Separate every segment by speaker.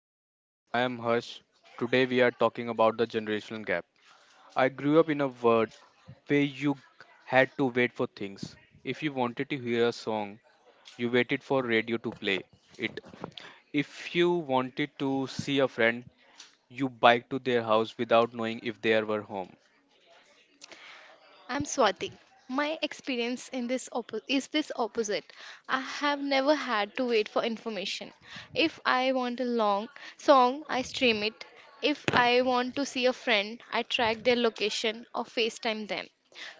Speaker 1: to the show. I am Harsh. Today we are talking about the generational gap. I grew up in a world where you had to wait for things. If you wanted to hear a song, you waited for radio to play it. If you wanted to see a friend, you biked to their house without knowing if they were home.
Speaker 2: I'm Swati. My experience in this oppo- is this opposite. I have never had to wait for information. If I want a long song, I stream it. If I want to see a friend, I track their location or FaceTime them.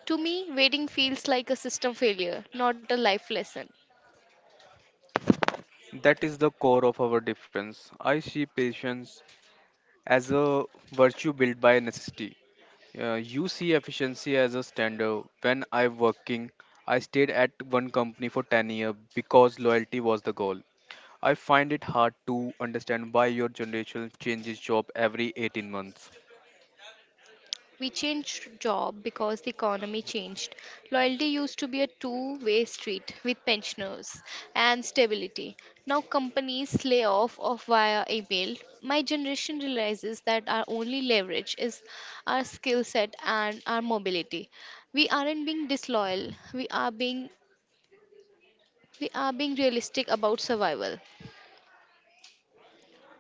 Speaker 2: To me, waiting feels like a system failure, not a life lesson.
Speaker 1: That is the core of our difference. I see patience as a virtue built by necessity. You see efficiency as a standard. When I working, I stayed at one company for 10 years because loyalty was the goal. I find it hard to understand why your generation changes job every 18 months.
Speaker 2: We changed job because the economy changed. Loyalty used to be a two-way street with pensioners and stability. Now companies lay off of via email. My generation realizes that our only leverage is our skill set and our mobility. We aren't being disloyal. We are being realistic about survival.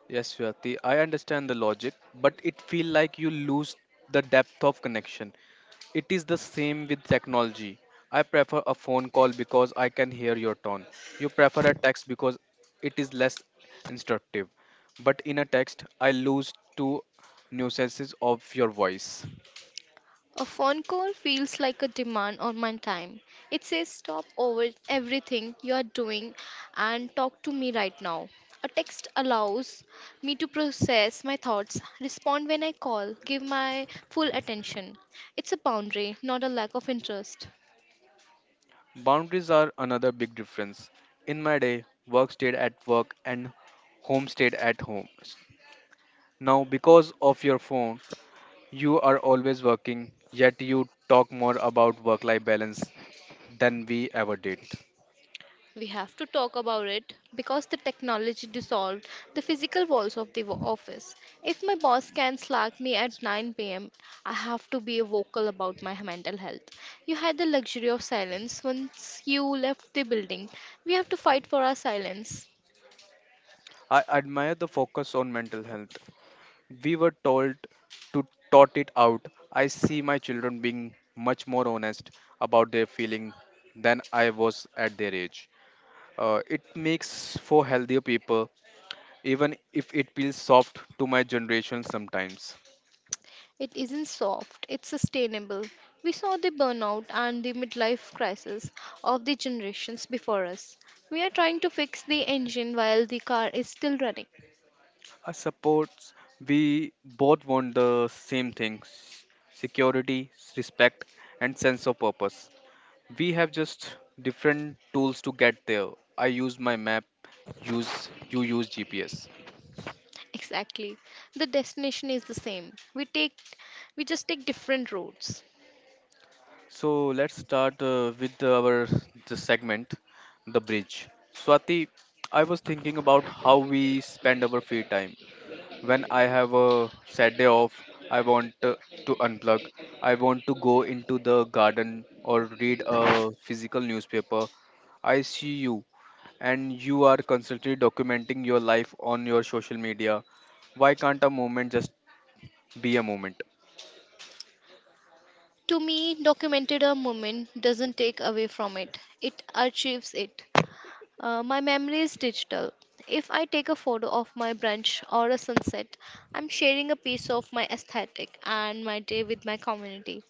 Speaker 1: Yes, Swati, I understand the logic, but it feel like you lose the depth of connection. It is the same with technology. I prefer a phone call because I can hear your tone. You prefer a text because it is less instructive. But in a text, I lose two nuances of your voice.
Speaker 2: A phone call feels like a demand on my time. It says, stop over everything you are doing and talk to me right now. A text allows me to process my thoughts, respond when I call, give my full attention. It's a boundary, not a lack of interest.
Speaker 1: Boundaries are another big difference. In my day, work stayed at work and home stayed at home. Now, because of your phone, you are always working, yet you talk more about work life balance than we ever did.
Speaker 2: We have to talk about it because the technology dissolved the physical walls of the office. If my boss can slack me at 9 p.m., I have to be vocal about my mental health. You had the luxury of silence once you left the building. We have to fight for our silence.
Speaker 1: I admire the focus on mental health. We were told to tot it out. I see my children being much more honest about their feeling than I was at their age. It makes for healthier people, even if it feels soft to my generation sometimes.
Speaker 2: It isn't soft, it's sustainable. We saw the burnout and the midlife crisis of the generations before us. We are trying to fix the engine while the car is still running.
Speaker 1: I suppose we both want the same things: security, respect, and sense of purpose. We have just different tools to get there. I use my map, use you use GPS.
Speaker 2: Exactly. The destination is the same. We just take different routes.
Speaker 1: So let's start with our the segment, the bridge. Swati, I was thinking about how we spend our free time. When I have a sad day off, I want to unplug. I want to go into the garden or read a physical newspaper. I see you, and you are constantly documenting your life on your social media. Why can't a moment just be a moment?
Speaker 2: To me, documented a moment doesn't take away from it. It archives it. My memory is digital. If I take a photo of my brunch or a sunset, I'm sharing a piece of my aesthetic and my day with my community.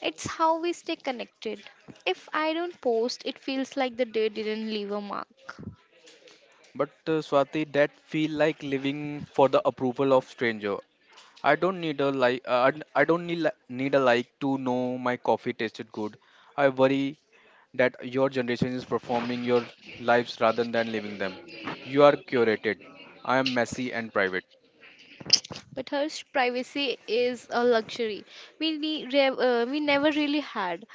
Speaker 2: It's how we stay connected. If I don't post, it feels like the day didn't leave a mark.
Speaker 1: But Swati, that feel like living for the approval of stranger. I don't need a like. I don't need need a like to know my coffee tasted good. I worry that your generation is performing your lives rather than living them. You are curated. I am messy and private.
Speaker 2: But Harsh, privacy is a luxury we never really had.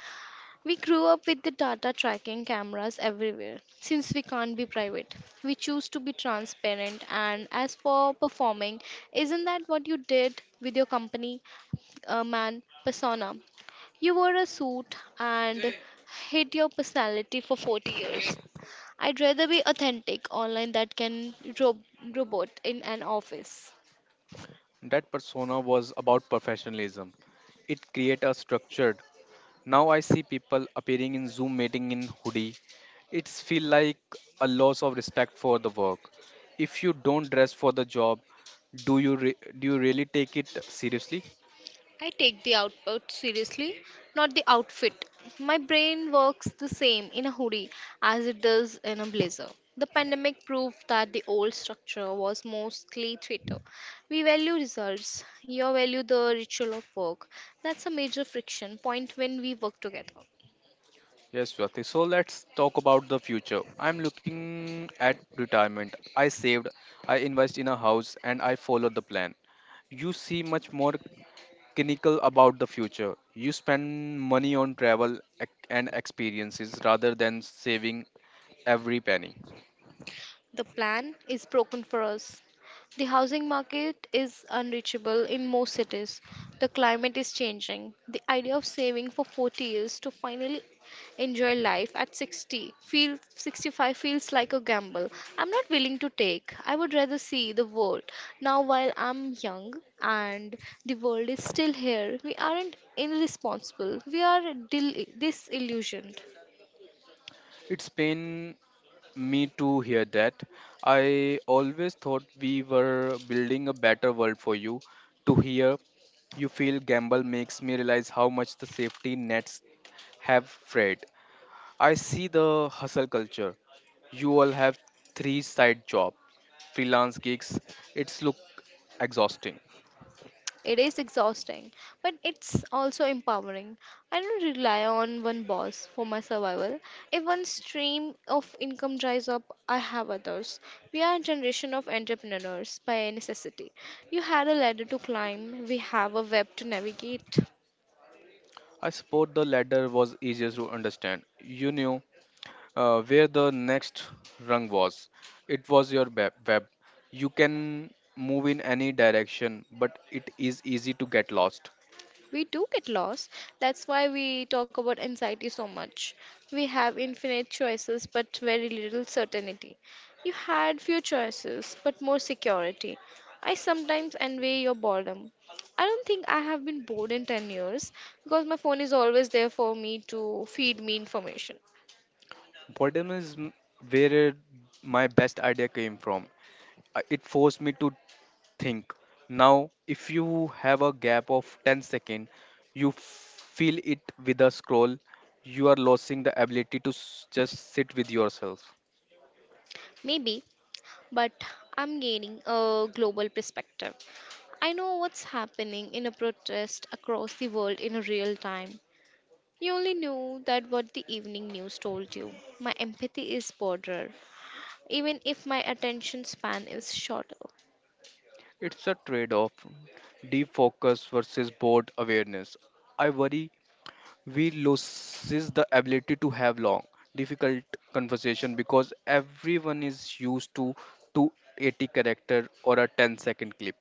Speaker 2: We grew up with the data tracking cameras everywhere. Since we can't be private, we choose to be transparent. And as for performing, isn't that what you did with your company, man persona? You wore a suit and hid your personality for 40 years. I'd rather be authentic online that can rob- robot in an office.
Speaker 1: That persona was about professionalism. It created a structured. Now I see people appearing in Zoom meeting in hoodie. It's feel like a loss of respect for the work. If you don't dress for the job, do you really take it seriously?
Speaker 2: I take the output seriously, not the outfit. My brain works the same in a hoodie as it does in a blazer. The pandemic proved that the old structure was mostly Twitter. We value results, you value the ritual of work. That's a major friction point when we work together.
Speaker 1: Yes, Swati. So let's talk about the future. I'm looking at retirement. I saved, I invest in a house, and I follow the plan. You see much more cynical about the future. You spend money on travel and experiences rather than saving every penny.
Speaker 2: The plan is broken for us. The housing market is unreachable in most cities. The climate is changing. The idea of saving for 40 years to finally enjoy life at 60 feels 65 feels like a gamble I'm not willing to take. I would rather see the world now while I'm young and the world is still here. We aren't irresponsible. We are disillusioned.
Speaker 1: It's pain me to hear that. I always thought we were building a better world for you. To hear you feel gamble makes me realize how much the safety nets have Fred. I see the hustle culture. You all have three side jobs, freelance gigs. It's look exhausting.
Speaker 2: It is exhausting, but it's also empowering. I don't rely on one boss for my survival. If one stream of income dries up, I have others. We are a generation of entrepreneurs by necessity. You had a ladder to climb, we have a web to navigate.
Speaker 1: I suppose the latter was easier to understand. You knew where the next rung was. It was your web. You can move in any direction, but it is easy to get lost.
Speaker 2: We do get lost. That's why we talk about anxiety so much. We have infinite choices but very little certainty. You had few choices but more security. I sometimes envy your boredom. I don't think I have been bored in 10 years because my phone is always there for me to feed me information.
Speaker 1: Boredom is where my best idea came from. It forced me to think. Now, if you have a gap of 10 seconds, you fill it with a scroll, you are losing the ability to just sit with yourself.
Speaker 2: Maybe, but I'm gaining a global perspective. I know what's happening in a protest across the world in a real time. You only knew that what the evening news told you. My empathy is broader, even if my attention span is shorter.
Speaker 1: It's a trade off: deep focus versus bored awareness. I worry we loses the ability to have long, difficult conversation because everyone is used to 280 character or a 10-second clip.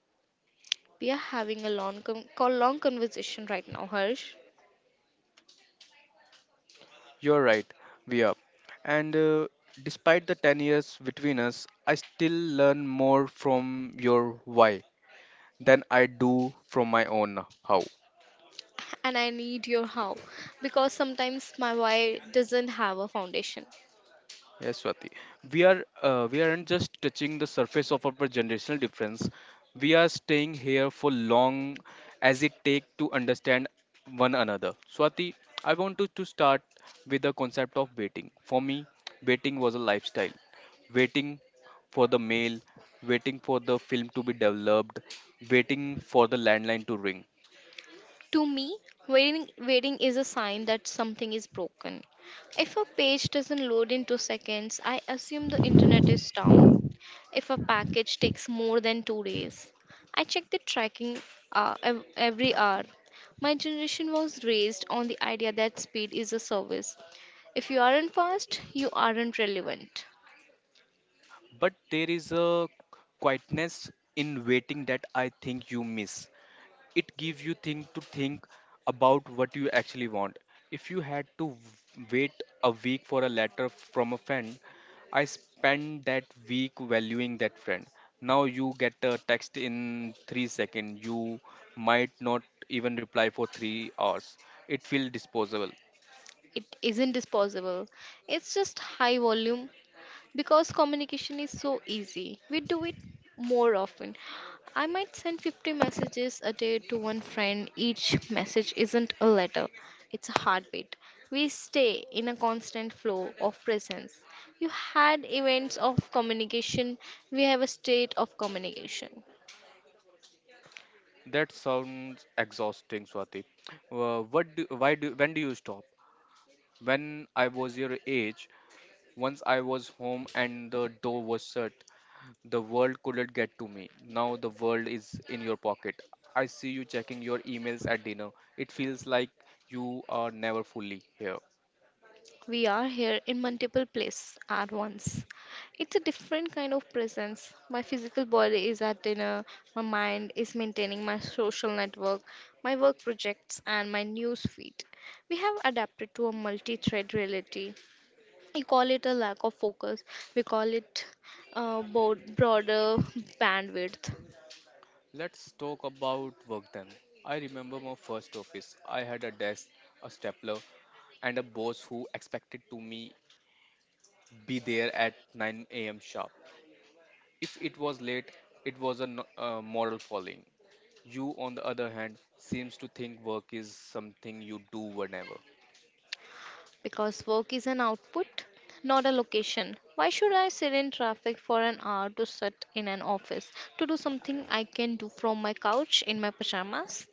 Speaker 2: We are having a long, long conversation right now, Harsh,
Speaker 1: You're right, we are. And despite the 10 years between us, I still learn more from your why than I do from my own how.
Speaker 2: and I need your help because sometimes my why doesn't have a foundation.
Speaker 1: Yes, Swati. We aren't just touching the surface of our generational difference. We are staying here for long as it take to understand one another. Swati, I want to start with the concept of waiting. For me, waiting was a lifestyle. Waiting for the mail, waiting for the film to be developed, waiting for the landline to ring.
Speaker 2: To me, waiting is a sign that something is broken. If a page doesn't load in 2 seconds, I assume the internet is down. If a package takes more than 2 days. I check the tracking every hour. My generation was raised on the idea that speed is a service. If you aren't fast, you aren't relevant.
Speaker 1: But there is a quietness in waiting that I think you miss. It gives you thing to think about what you actually want. If you had to wait a week for a letter from a friend, I spent that week valuing that friend. Now you get a text in 3 seconds, you might not even reply for 3 hours. It feels disposable.
Speaker 2: It isn't disposable. It's just high volume, because communication is so easy. We do it more often. I might send 50 messages a day to one friend. Each message isn't a letter, it's a heartbeat. We stay in a constant flow of presence. You had events of communication, we have a state of communication.
Speaker 1: That sounds exhausting, Swati. Uh, what do, why do when do you stop? When I was your age, once I was home and the door was shut, the world couldn't get to me. Now the world is in your pocket. I see you checking your emails at dinner. It feels like you are never fully here.
Speaker 2: We are here in multiple places at once. It's a different kind of presence. My physical body is at dinner, my mind is maintaining my social network, my work projects, and my news feed. We have adapted to a multi thread reality. We call it a lack of focus, we call it broader bandwidth.
Speaker 1: Let's talk about work then. I remember my first office. I had a desk, a stapler, and a boss who expected to me be there at 9 a.m. sharp. If it was late, it was a moral falling. You, on the other hand, seems to think work is something you do whenever.
Speaker 2: Because work is an output, not a location. Why should I sit in traffic for an hour to sit in an office to do something I can do from my couch in my pajamas?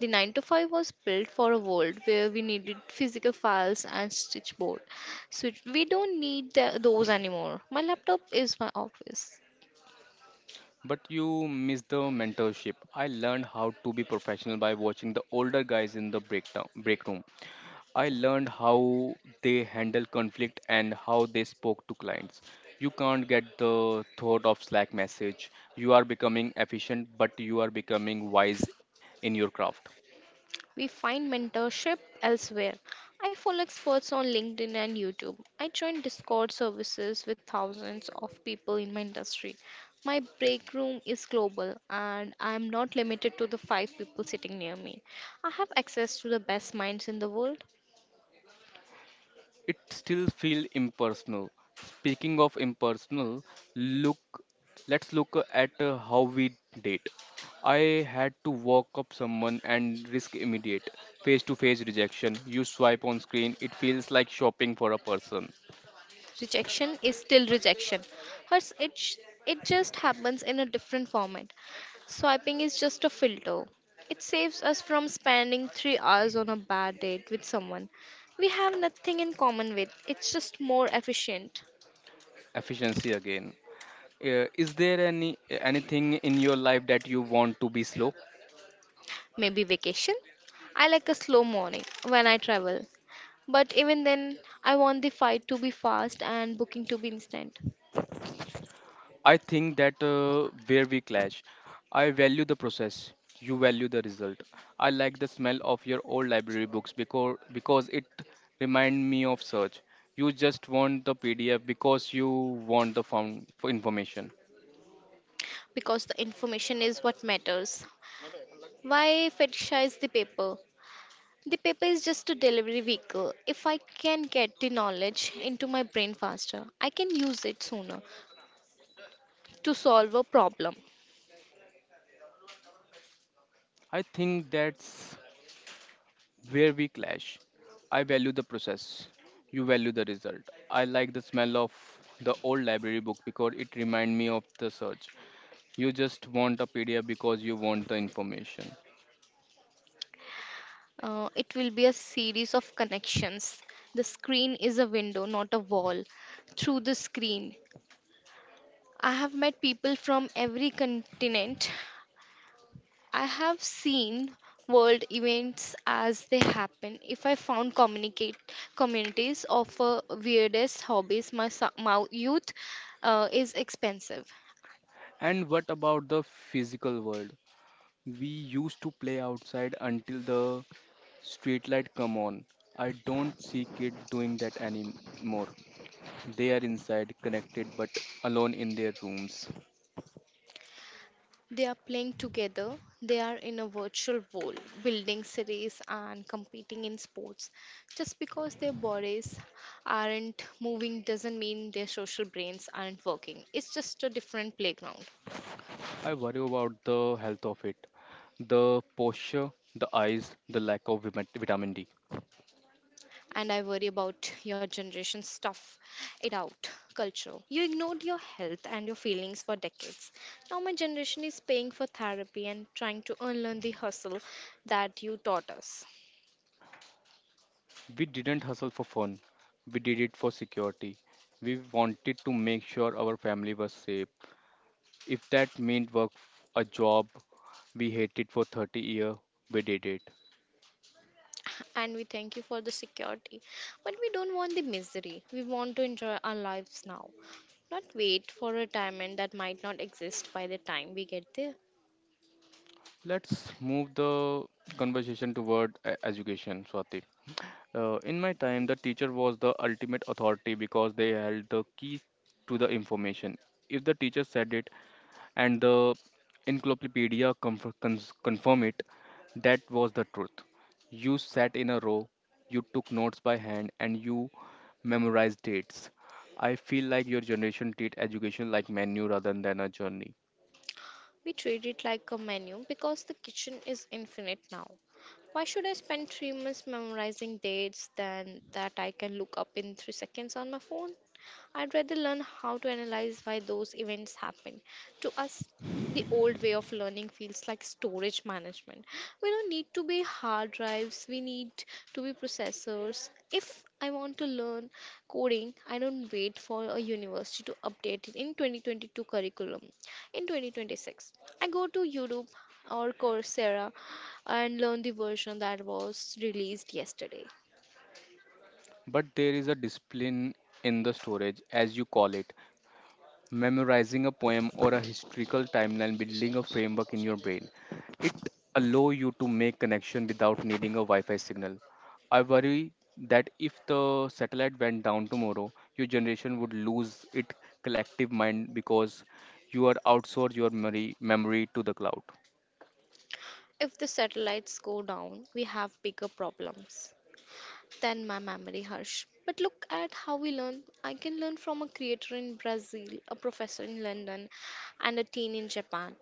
Speaker 2: The 9 to 5 was built for a world where we needed physical files and stitchboard. So we don't need those anymore. My laptop is my office.
Speaker 1: But you miss the mentorship. I learned how to be professional by watching the older guys in the break room. I learned how they handle conflict and how they spoke to clients. You can't get the thought of Slack message. You are becoming efficient, but you are becoming wise in your craft.
Speaker 2: We find mentorship elsewhere. I follow experts on LinkedIn and YouTube. I join Discord services with thousands of people in my industry. My break room is global and I am not limited to the five people sitting near me. I have access to the best minds in the world.
Speaker 1: It still feel impersonal. Speaking of impersonal, look, let's look at how we date. I had to walk up someone and risk immediate face to face rejection. You swipe on screen, it feels like shopping for a person.
Speaker 2: Rejection is still rejection, hers It just happens in a different format. Swiping is just a filter. It saves us from spending 3 hours on a bad date with someone we have nothing in common with. It's just more efficient.
Speaker 1: Efficiency again. Is there anything in your life that you want to be slow?
Speaker 2: Maybe vacation. I like a slow morning when I travel, but even then I want the flight to be fast and booking to be instant.
Speaker 1: I think that where we clash. I value the process, you value the result. I like the smell of your old library books because it remind me of search. You just want the PDF because you want the found for information.
Speaker 2: Because the information is what matters. Why fetishize the paper? The paper is just a delivery vehicle. If I can get the knowledge into my brain faster, I can use it sooner to solve a problem.
Speaker 1: I think that's where we clash. I value the process, you value the result. I like the smell of the old library book because it remind me of the search. You just want a PDF because you want the information.
Speaker 2: It will be a series of connections. The screen is a window, not a wall. Through the screen, I have met people from every continent. I have seen world events as they happen. If I found communicate communities of weirdest hobbies, my youth is expensive.
Speaker 1: And what about the physical world? We used to play outside until the street light come on. I don't see kids doing that anymore. They are inside, connected, but alone in their rooms.
Speaker 2: They are playing together. They are in a virtual world, building cities and competing in sports. Just because their bodies aren't moving doesn't mean their social brains aren't working. It's just a different playground.
Speaker 1: I worry about the health of it, the posture, the eyes, the lack of vitamin D.
Speaker 2: And I worry about your generation stuff it out culture. You ignored your health and your feelings for decades. Now my generation is paying for therapy and trying to unlearn the hustle that you taught us.
Speaker 1: We didn't hustle for fun. We did it for security. We wanted to make sure our family was safe. If that meant work a job we hated for 30 years, we did it.
Speaker 2: And we thank you for the security. But we don't want the misery. We want to enjoy our lives now, not wait for retirement that might not exist by the time we get there.
Speaker 1: Let's move the conversation toward education, Swati. In my time, the teacher was the ultimate authority because they held the key to the information. If the teacher said it, and the encyclopedia confirm it, that was the truth. You sat in a row, you took notes by hand, and you memorized dates. I feel like your generation treat education like menu rather than a journey.
Speaker 2: We treat it like a menu because the kitchen is infinite now. Why should I spend 3 months memorizing dates than that I can look up in 3 seconds on my phone? I'd rather learn how to analyze why those events happen. To us, the old way of learning feels like storage management. We don't need to be hard drives, we need to be processors. If I want to learn coding, I don't wait for a university to update it in 2022 curriculum in 2026. I go to Udemy or Coursera and learn the version that was released yesterday.
Speaker 1: But there is a discipline in the storage, as you call it. Memorizing a poem or a historical timeline, building a framework in your brain. It allow you to make connection without needing a Wi-Fi signal. I worry that if the satellite went down tomorrow, your generation would lose its collective mind because you are outsource your memory to the cloud.
Speaker 2: If the satellites go down, we have bigger problems than my memory, Harsh. But look at how we learn. I can learn from a creator in Brazil, a professor in London, and a teen in Japan,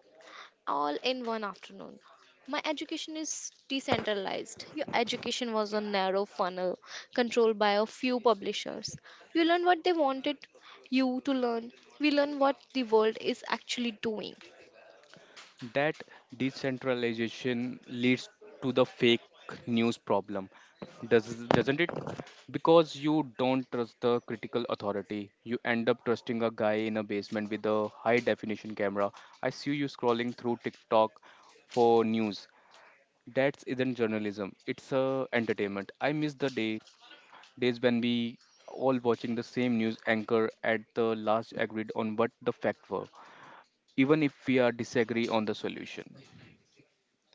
Speaker 2: all in one afternoon. My education is decentralized. Your education was a narrow funnel controlled by a few publishers. You learn what they wanted you to learn. We learn what the world is actually doing.
Speaker 1: That decentralization leads to the fake news problem, doesn't it? Because you don't trust the critical authority, you end up trusting a guy in a basement with a high definition camera. I see you scrolling through TikTok for news. That isn't journalism. It's a entertainment. I miss the days when we all watching the same news anchor at the last agreed on what the fact were, even if we are disagree on the solution.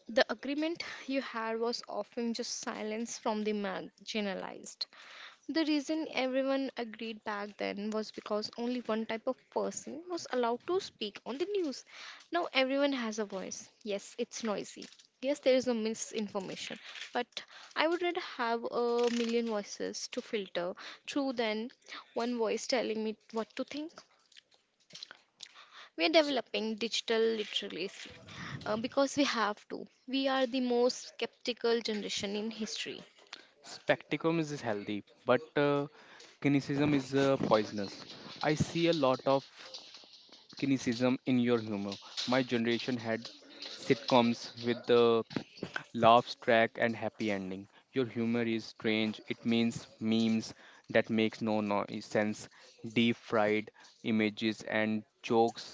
Speaker 2: The agreement you had was often just silence from the marginalized. The reason everyone agreed back then was because only one type of person was allowed to speak on the news. Now everyone has a voice. Yes, it's noisy. Yes, there is no misinformation. But I would rather have a million voices to filter through than one voice telling me what to think. We are developing digital literacy because we have to. We are the most skeptical generation in history.
Speaker 1: Spectacum is healthy, but cynicism is poisonous. I see a lot of cynicism in your humor. My generation had sitcoms with the laughs track and happy ending. Your humor is strange. It means memes that makes no noise sense, deep fried images and jokes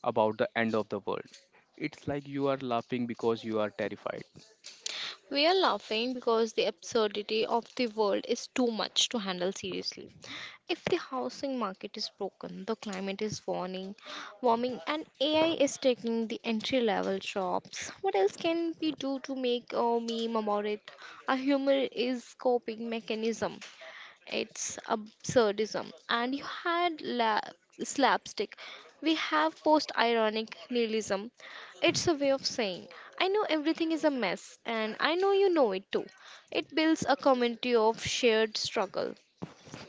Speaker 1: about the end of the world. It's like you are laughing because you are terrified.
Speaker 2: We are laughing because the absurdity of the world is too much to handle seriously. If the housing market is broken, the climate is warming, and AI is taking the entry level jobs, what else can we do to make a meme about it? A humor is coping mechanism. It's absurdism. And you had slapstick. We have post ironic nihilism. It's a way of saying, I know everything is a mess, and I know you know it too. It builds a community of shared struggle.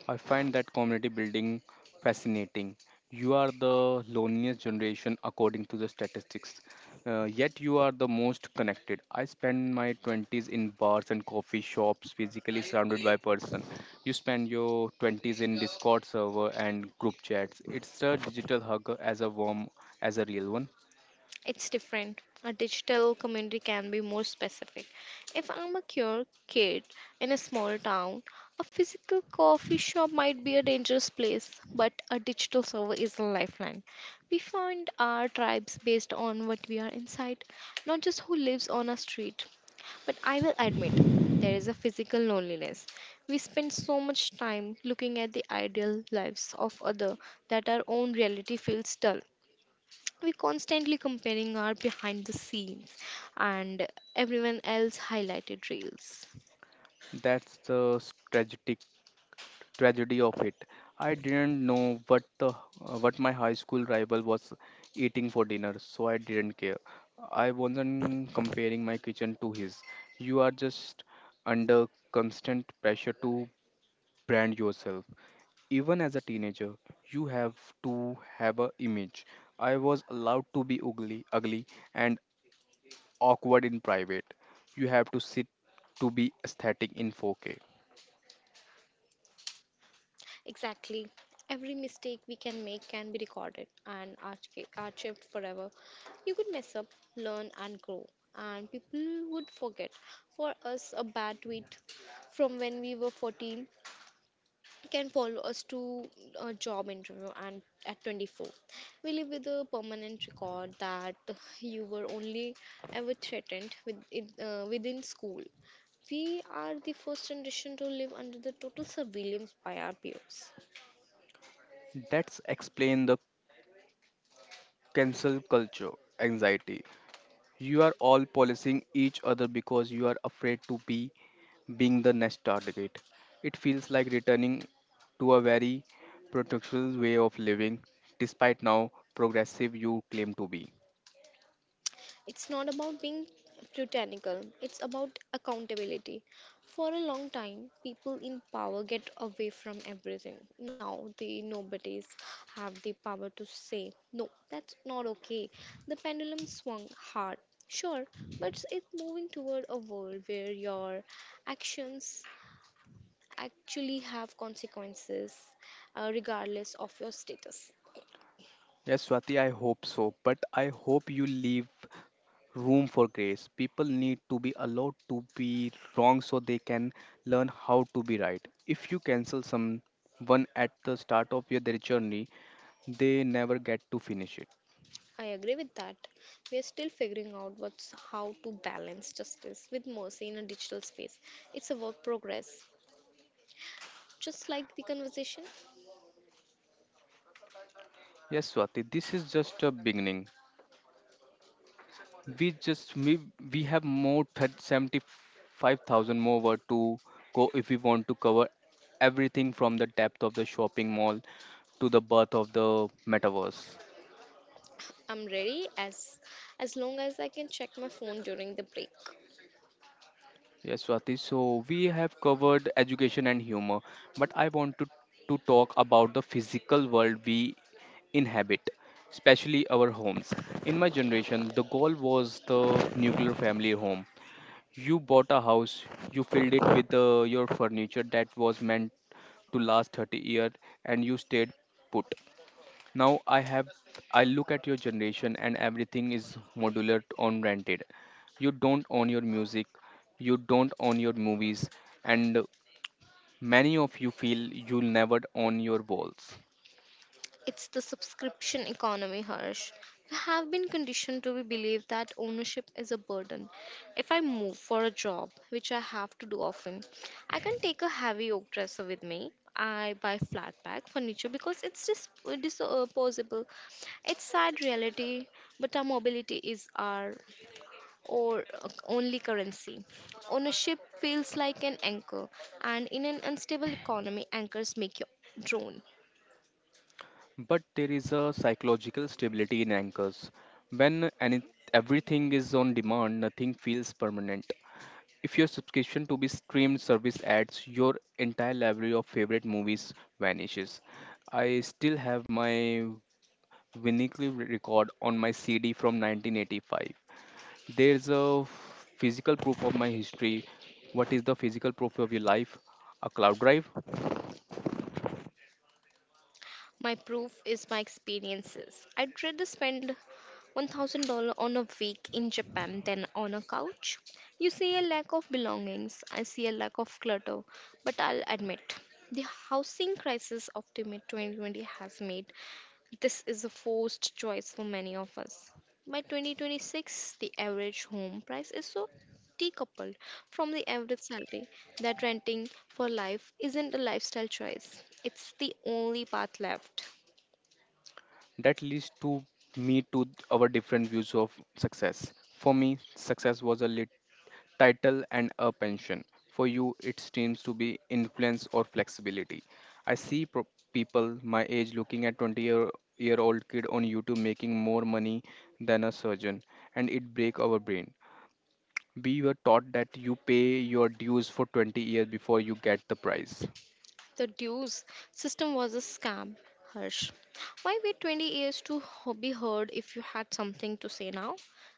Speaker 1: I find that community building fascinating. You are the loneliest generation according to the statistics, yet you are the most connected. I spend my 20s in bars and coffee shops, physically surrounded by person. You spend your 20s in Discord server and group chats. It's a digital hug as a warm as a real one.
Speaker 2: It's different. A digital community can be more specific. If I'm a queer kid in a small town, a physical coffee shop might be a dangerous place, but a digital server is a lifeline. We find our tribes based on what we are inside, not just who lives on a street. But I will admit, there is a physical loneliness. We spend so much time looking at the ideal lives of others that our own reality feels dull. We constantly comparing our behind the scenes and everyone else highlighted reels.
Speaker 1: That's the strategy tragedy of it. I didn't know what the what my high school rival was eating for dinner, so I didn't care. I wasn't comparing my kitchen to his. You are just under constant pressure to brand yourself. Even as a teenager, you have to have a image. I was allowed to be ugly and awkward in private. You have to sit to be aesthetic in 4K.
Speaker 2: Exactly. Every mistake we can make can be recorded and archived forever. You could mess up, learn, and grow, and people would forget. For us, a bad tweet from when we were 14 can follow us to a job interview, and at 24 we live with a permanent record that you were only ever threatened with it, within school. We are the first generation to live under the total surveillance by our peers.
Speaker 1: That's explain the cancel culture, anxiety. You are all policing each other because you are afraid to be being the next target. It feels like returning to a very protectional way of living, despite now progressive you claim to be.
Speaker 2: It's not about being puritanical, it's about accountability. For a long time, people in power get away from everything. Now the nobodies have the power to say, no, that's not okay. The pendulum swung hard, sure, but it's moving toward a world where your actions actually have consequences, regardless of your status.
Speaker 1: Yes, Swati, I hope so, but I hope you leave room for grace. People need to be allowed to be wrong so they can learn how to be right. If you cancel someone at the start of your their journey, they never get to finish it.
Speaker 2: I agree with that. We are still figuring out what's how to balance justice with mercy in a digital space. It's a work progress. Just like the conversation,
Speaker 1: Yes, Swati, this is just a beginning. We just we, we have more 75,000 more word to go if we want to cover everything from the depth of the shopping mall to the birth of the metaverse.
Speaker 2: I'm ready as long as I can check my phone during the break.
Speaker 1: Yes, Swati. So we have covered education and humor, but I want to talk about the physical world we inhabit, especially our homes. In my generation, the goal was the nuclear family home. You bought a house, you filled it with your furniture that was meant to last 30 years and you stayed put. Now I have I look at your generation and everything is modular on rented. You don't own your music, you don't own your movies and many of you feel you'll never own your walls.
Speaker 2: It's the subscription economy, Harsh. We have been conditioned to believe that ownership is a burden. If I move for a job, which I have to do often, I can take a heavy oak dresser with me. I buy flat pack furniture because it's just disposable. It's sad reality, but our mobility is our or only currency. Ownership feels like an anchor, and in an unstable economy, anchors make your drone.
Speaker 1: But there is a psychological stability in anchors. When any, everything is on demand, nothing feels permanent. If your subscription to be streamed service adds, your entire library of favorite movies vanishes. I still have my vinyl record on my CD from 1985. There's a physical proof of my history. What is the physical proof of your life? A cloud drive.
Speaker 2: My proof is my experiences. I'd rather spend $1,000 on a week in Japan than on a couch. You see a lack of belongings, I see a lack of clutter, but I'll admit the housing crisis of the mid 2020 has made this is a forced choice for many of us. By 2026, the average home price is so decoupled from the average salary that renting for life isn't a lifestyle choice. It's the only path left.
Speaker 1: That leads to me to our different views of success. For me, success was a lit title, and a pension. For you, it seems to be influence or flexibility. I see people my age looking at 20 year old kid on YouTube making more money than a surgeon, and it break our brain. We were taught that you pay your dues for 20 years before you get the prize.
Speaker 2: The dues system was a scam, Harsh. Why wait 20 years to be heard if you had something to say now?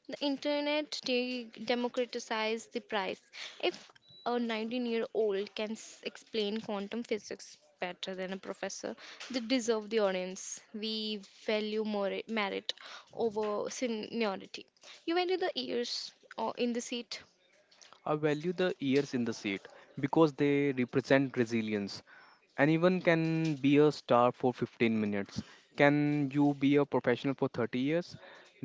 Speaker 2: The internet democratized the price. If a 19-year-old can explain quantum physics better than a professor, they deserve the audience. We value merit over seniority. You waited the years or in the seat.
Speaker 1: I value the years in the seat because they represent resilience. Anyone can be a star for 15 minutes. Can you be a professional for 30 years?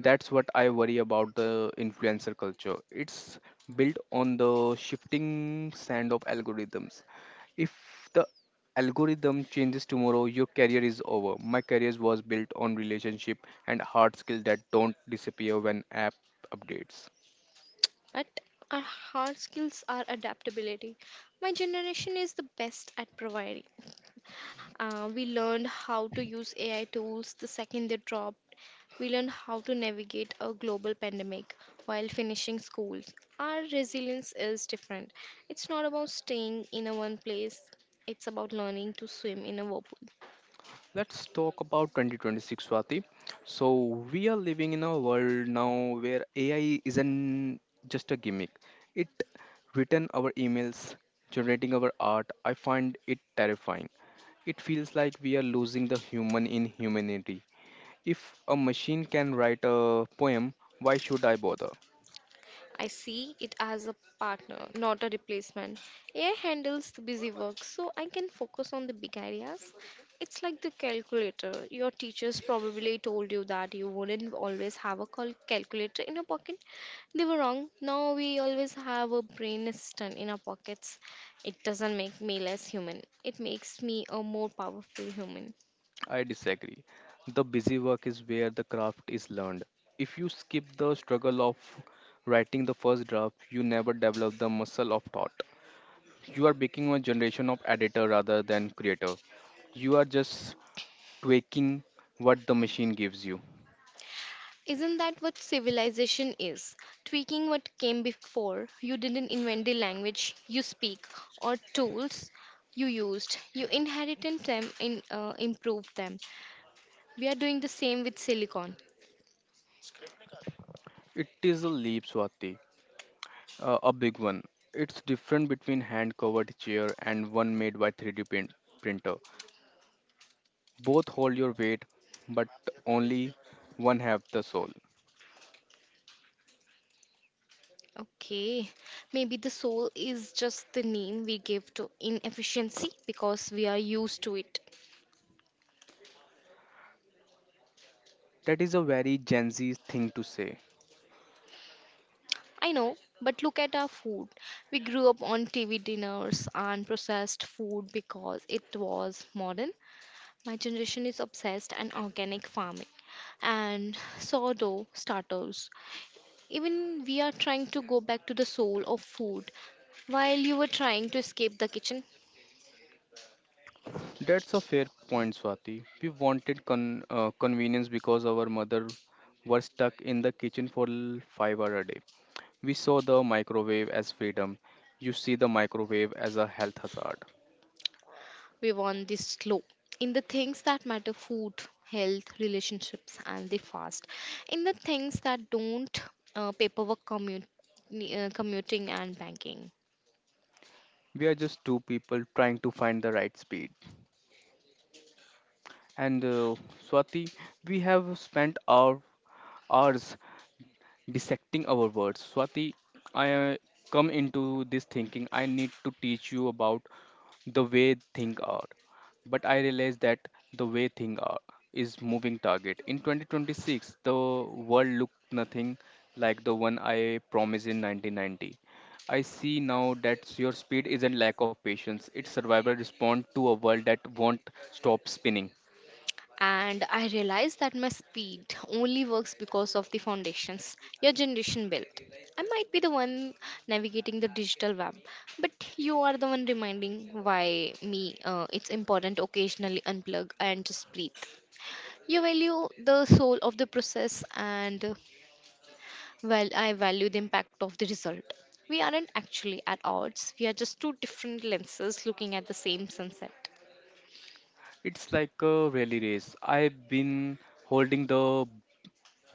Speaker 1: That's what I worry about the influencer culture. It's built on the shifting sand of algorithms. If the algorithm changes tomorrow, your career is over. My career was built on relationship and hard skills that don't disappear when app updates.
Speaker 2: But our hard skills are adaptability. My generation is the best at providing. We learned how to use AI tools the second they dropped. We learned how to navigate a global pandemic while finishing schools. Our resilience is different. It's not about staying in a one place, it's about learning to swim in a whirlpool.
Speaker 1: Let's talk about 2026, Swati. So, we are living in a world now where AI isn't just a gimmick. It written our emails, generating our art. I find it terrifying. It feels like we are losing the human in humanity. If a machine can write a poem, why should I bother?
Speaker 2: I see it as a partner, not a replacement. AI handles the busy work, so I can focus on the big ideas. It's like the calculator. Your teachers probably told you that you wouldn't always have a calculator in your pocket. They were wrong. Now we always have a brain assistant in our pockets. It doesn't make me less human, it makes me a more powerful human.
Speaker 1: I disagree. The busy work is where the craft is learned. If you skip the struggle of writing the first draft, you never develop the muscle of thought. You are becoming a generation of editor rather than creator. You are just tweaking what the machine gives you.
Speaker 2: Isn't that what civilization is? Tweaking what came before. You didn't invent the language you speak or tools you used. You inherited them and improved them. We are doing the same with silicon.
Speaker 1: It is a leap, Swati, a big one. It's different between hand-covered chair and one made by 3D printer. Both hold your weight, but only one have the soul.
Speaker 2: Okay, maybe the soul is just the name we give to inefficiency because we are used to it.
Speaker 1: That is a very Gen Z thing to say.
Speaker 2: I know, but look at our food. We grew up on TV dinners and processed food because it was modern. My generation is obsessed and organic farming and sourdough starters. Even we are trying to go back to the soul of food while you were trying to escape the kitchen.
Speaker 1: That's a fair point, Swati. We wanted convenience because our mother were stuck in the kitchen for 5 hours a day. We saw the microwave as freedom. You see the microwave as a health hazard.
Speaker 2: We want this slow in the things that matter food, health, relationships, and the fast. In the things that don't: paperwork, commuting, and banking.
Speaker 1: We are just two people trying to find the right speed. And Swati, we have spent our hours dissecting our words. Swati, I come into this thinking. I need to teach you about the way things are. But I realize that the way things are is moving target. In 2026, the world looked nothing like the one I promised in 1990. I see now that your speed isn't lack of patience; it's survival response to a world that won't stop spinning.
Speaker 2: And I realized that my speed only works because of the foundations your generation built. I might be the one navigating the digital web, but you are the one reminding why me it's important to occasionally unplug and just breathe. You value the soul of the process, and I value the impact of the result. We aren't actually at odds, we are just two different lenses looking at the same sunset.
Speaker 1: It's like a rally race. I've been holding the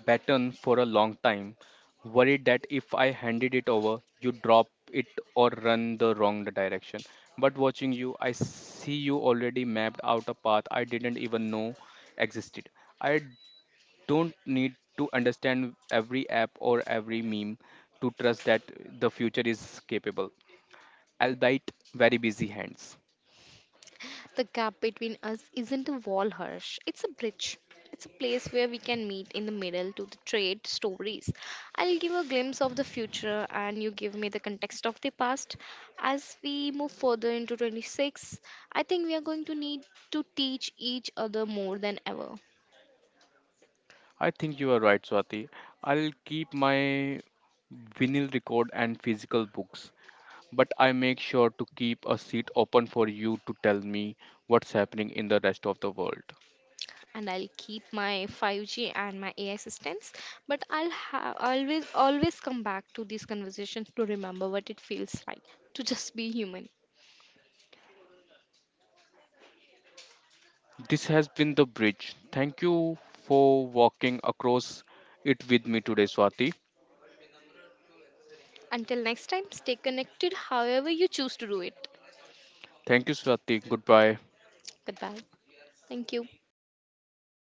Speaker 1: baton for a long time, worried that if I handed it over, you drop it or run the wrong direction. But watching you, I see you already mapped out a path I didn't even know existed. I don't need to understand every app or every meme to trust that the future is capable, albeit very busy hands.
Speaker 2: The gap between us isn't a wall, Harsh. It's a bridge. It's a place where we can meet in the middle to the trade stories. I'll give a glimpse of the future and you give me the context of the past. As we move further into 26, I think we are going to need to teach each other more than ever.
Speaker 1: I think you are right, Swati. I'll keep my vinyl record and physical books but I make sure to keep a seat open for you to tell me what's happening in the rest of the world.
Speaker 2: And I'll keep my 5G and my AI assistance, but I'll have always come back to these conversations to remember what it feels like to just be human.
Speaker 1: This has been The Bridge. Thank you for walking across it with me today, Swati.
Speaker 2: Until next time, stay connected however you choose to do it.
Speaker 1: Thank you, Swati. Goodbye.
Speaker 2: Goodbye. Thank you.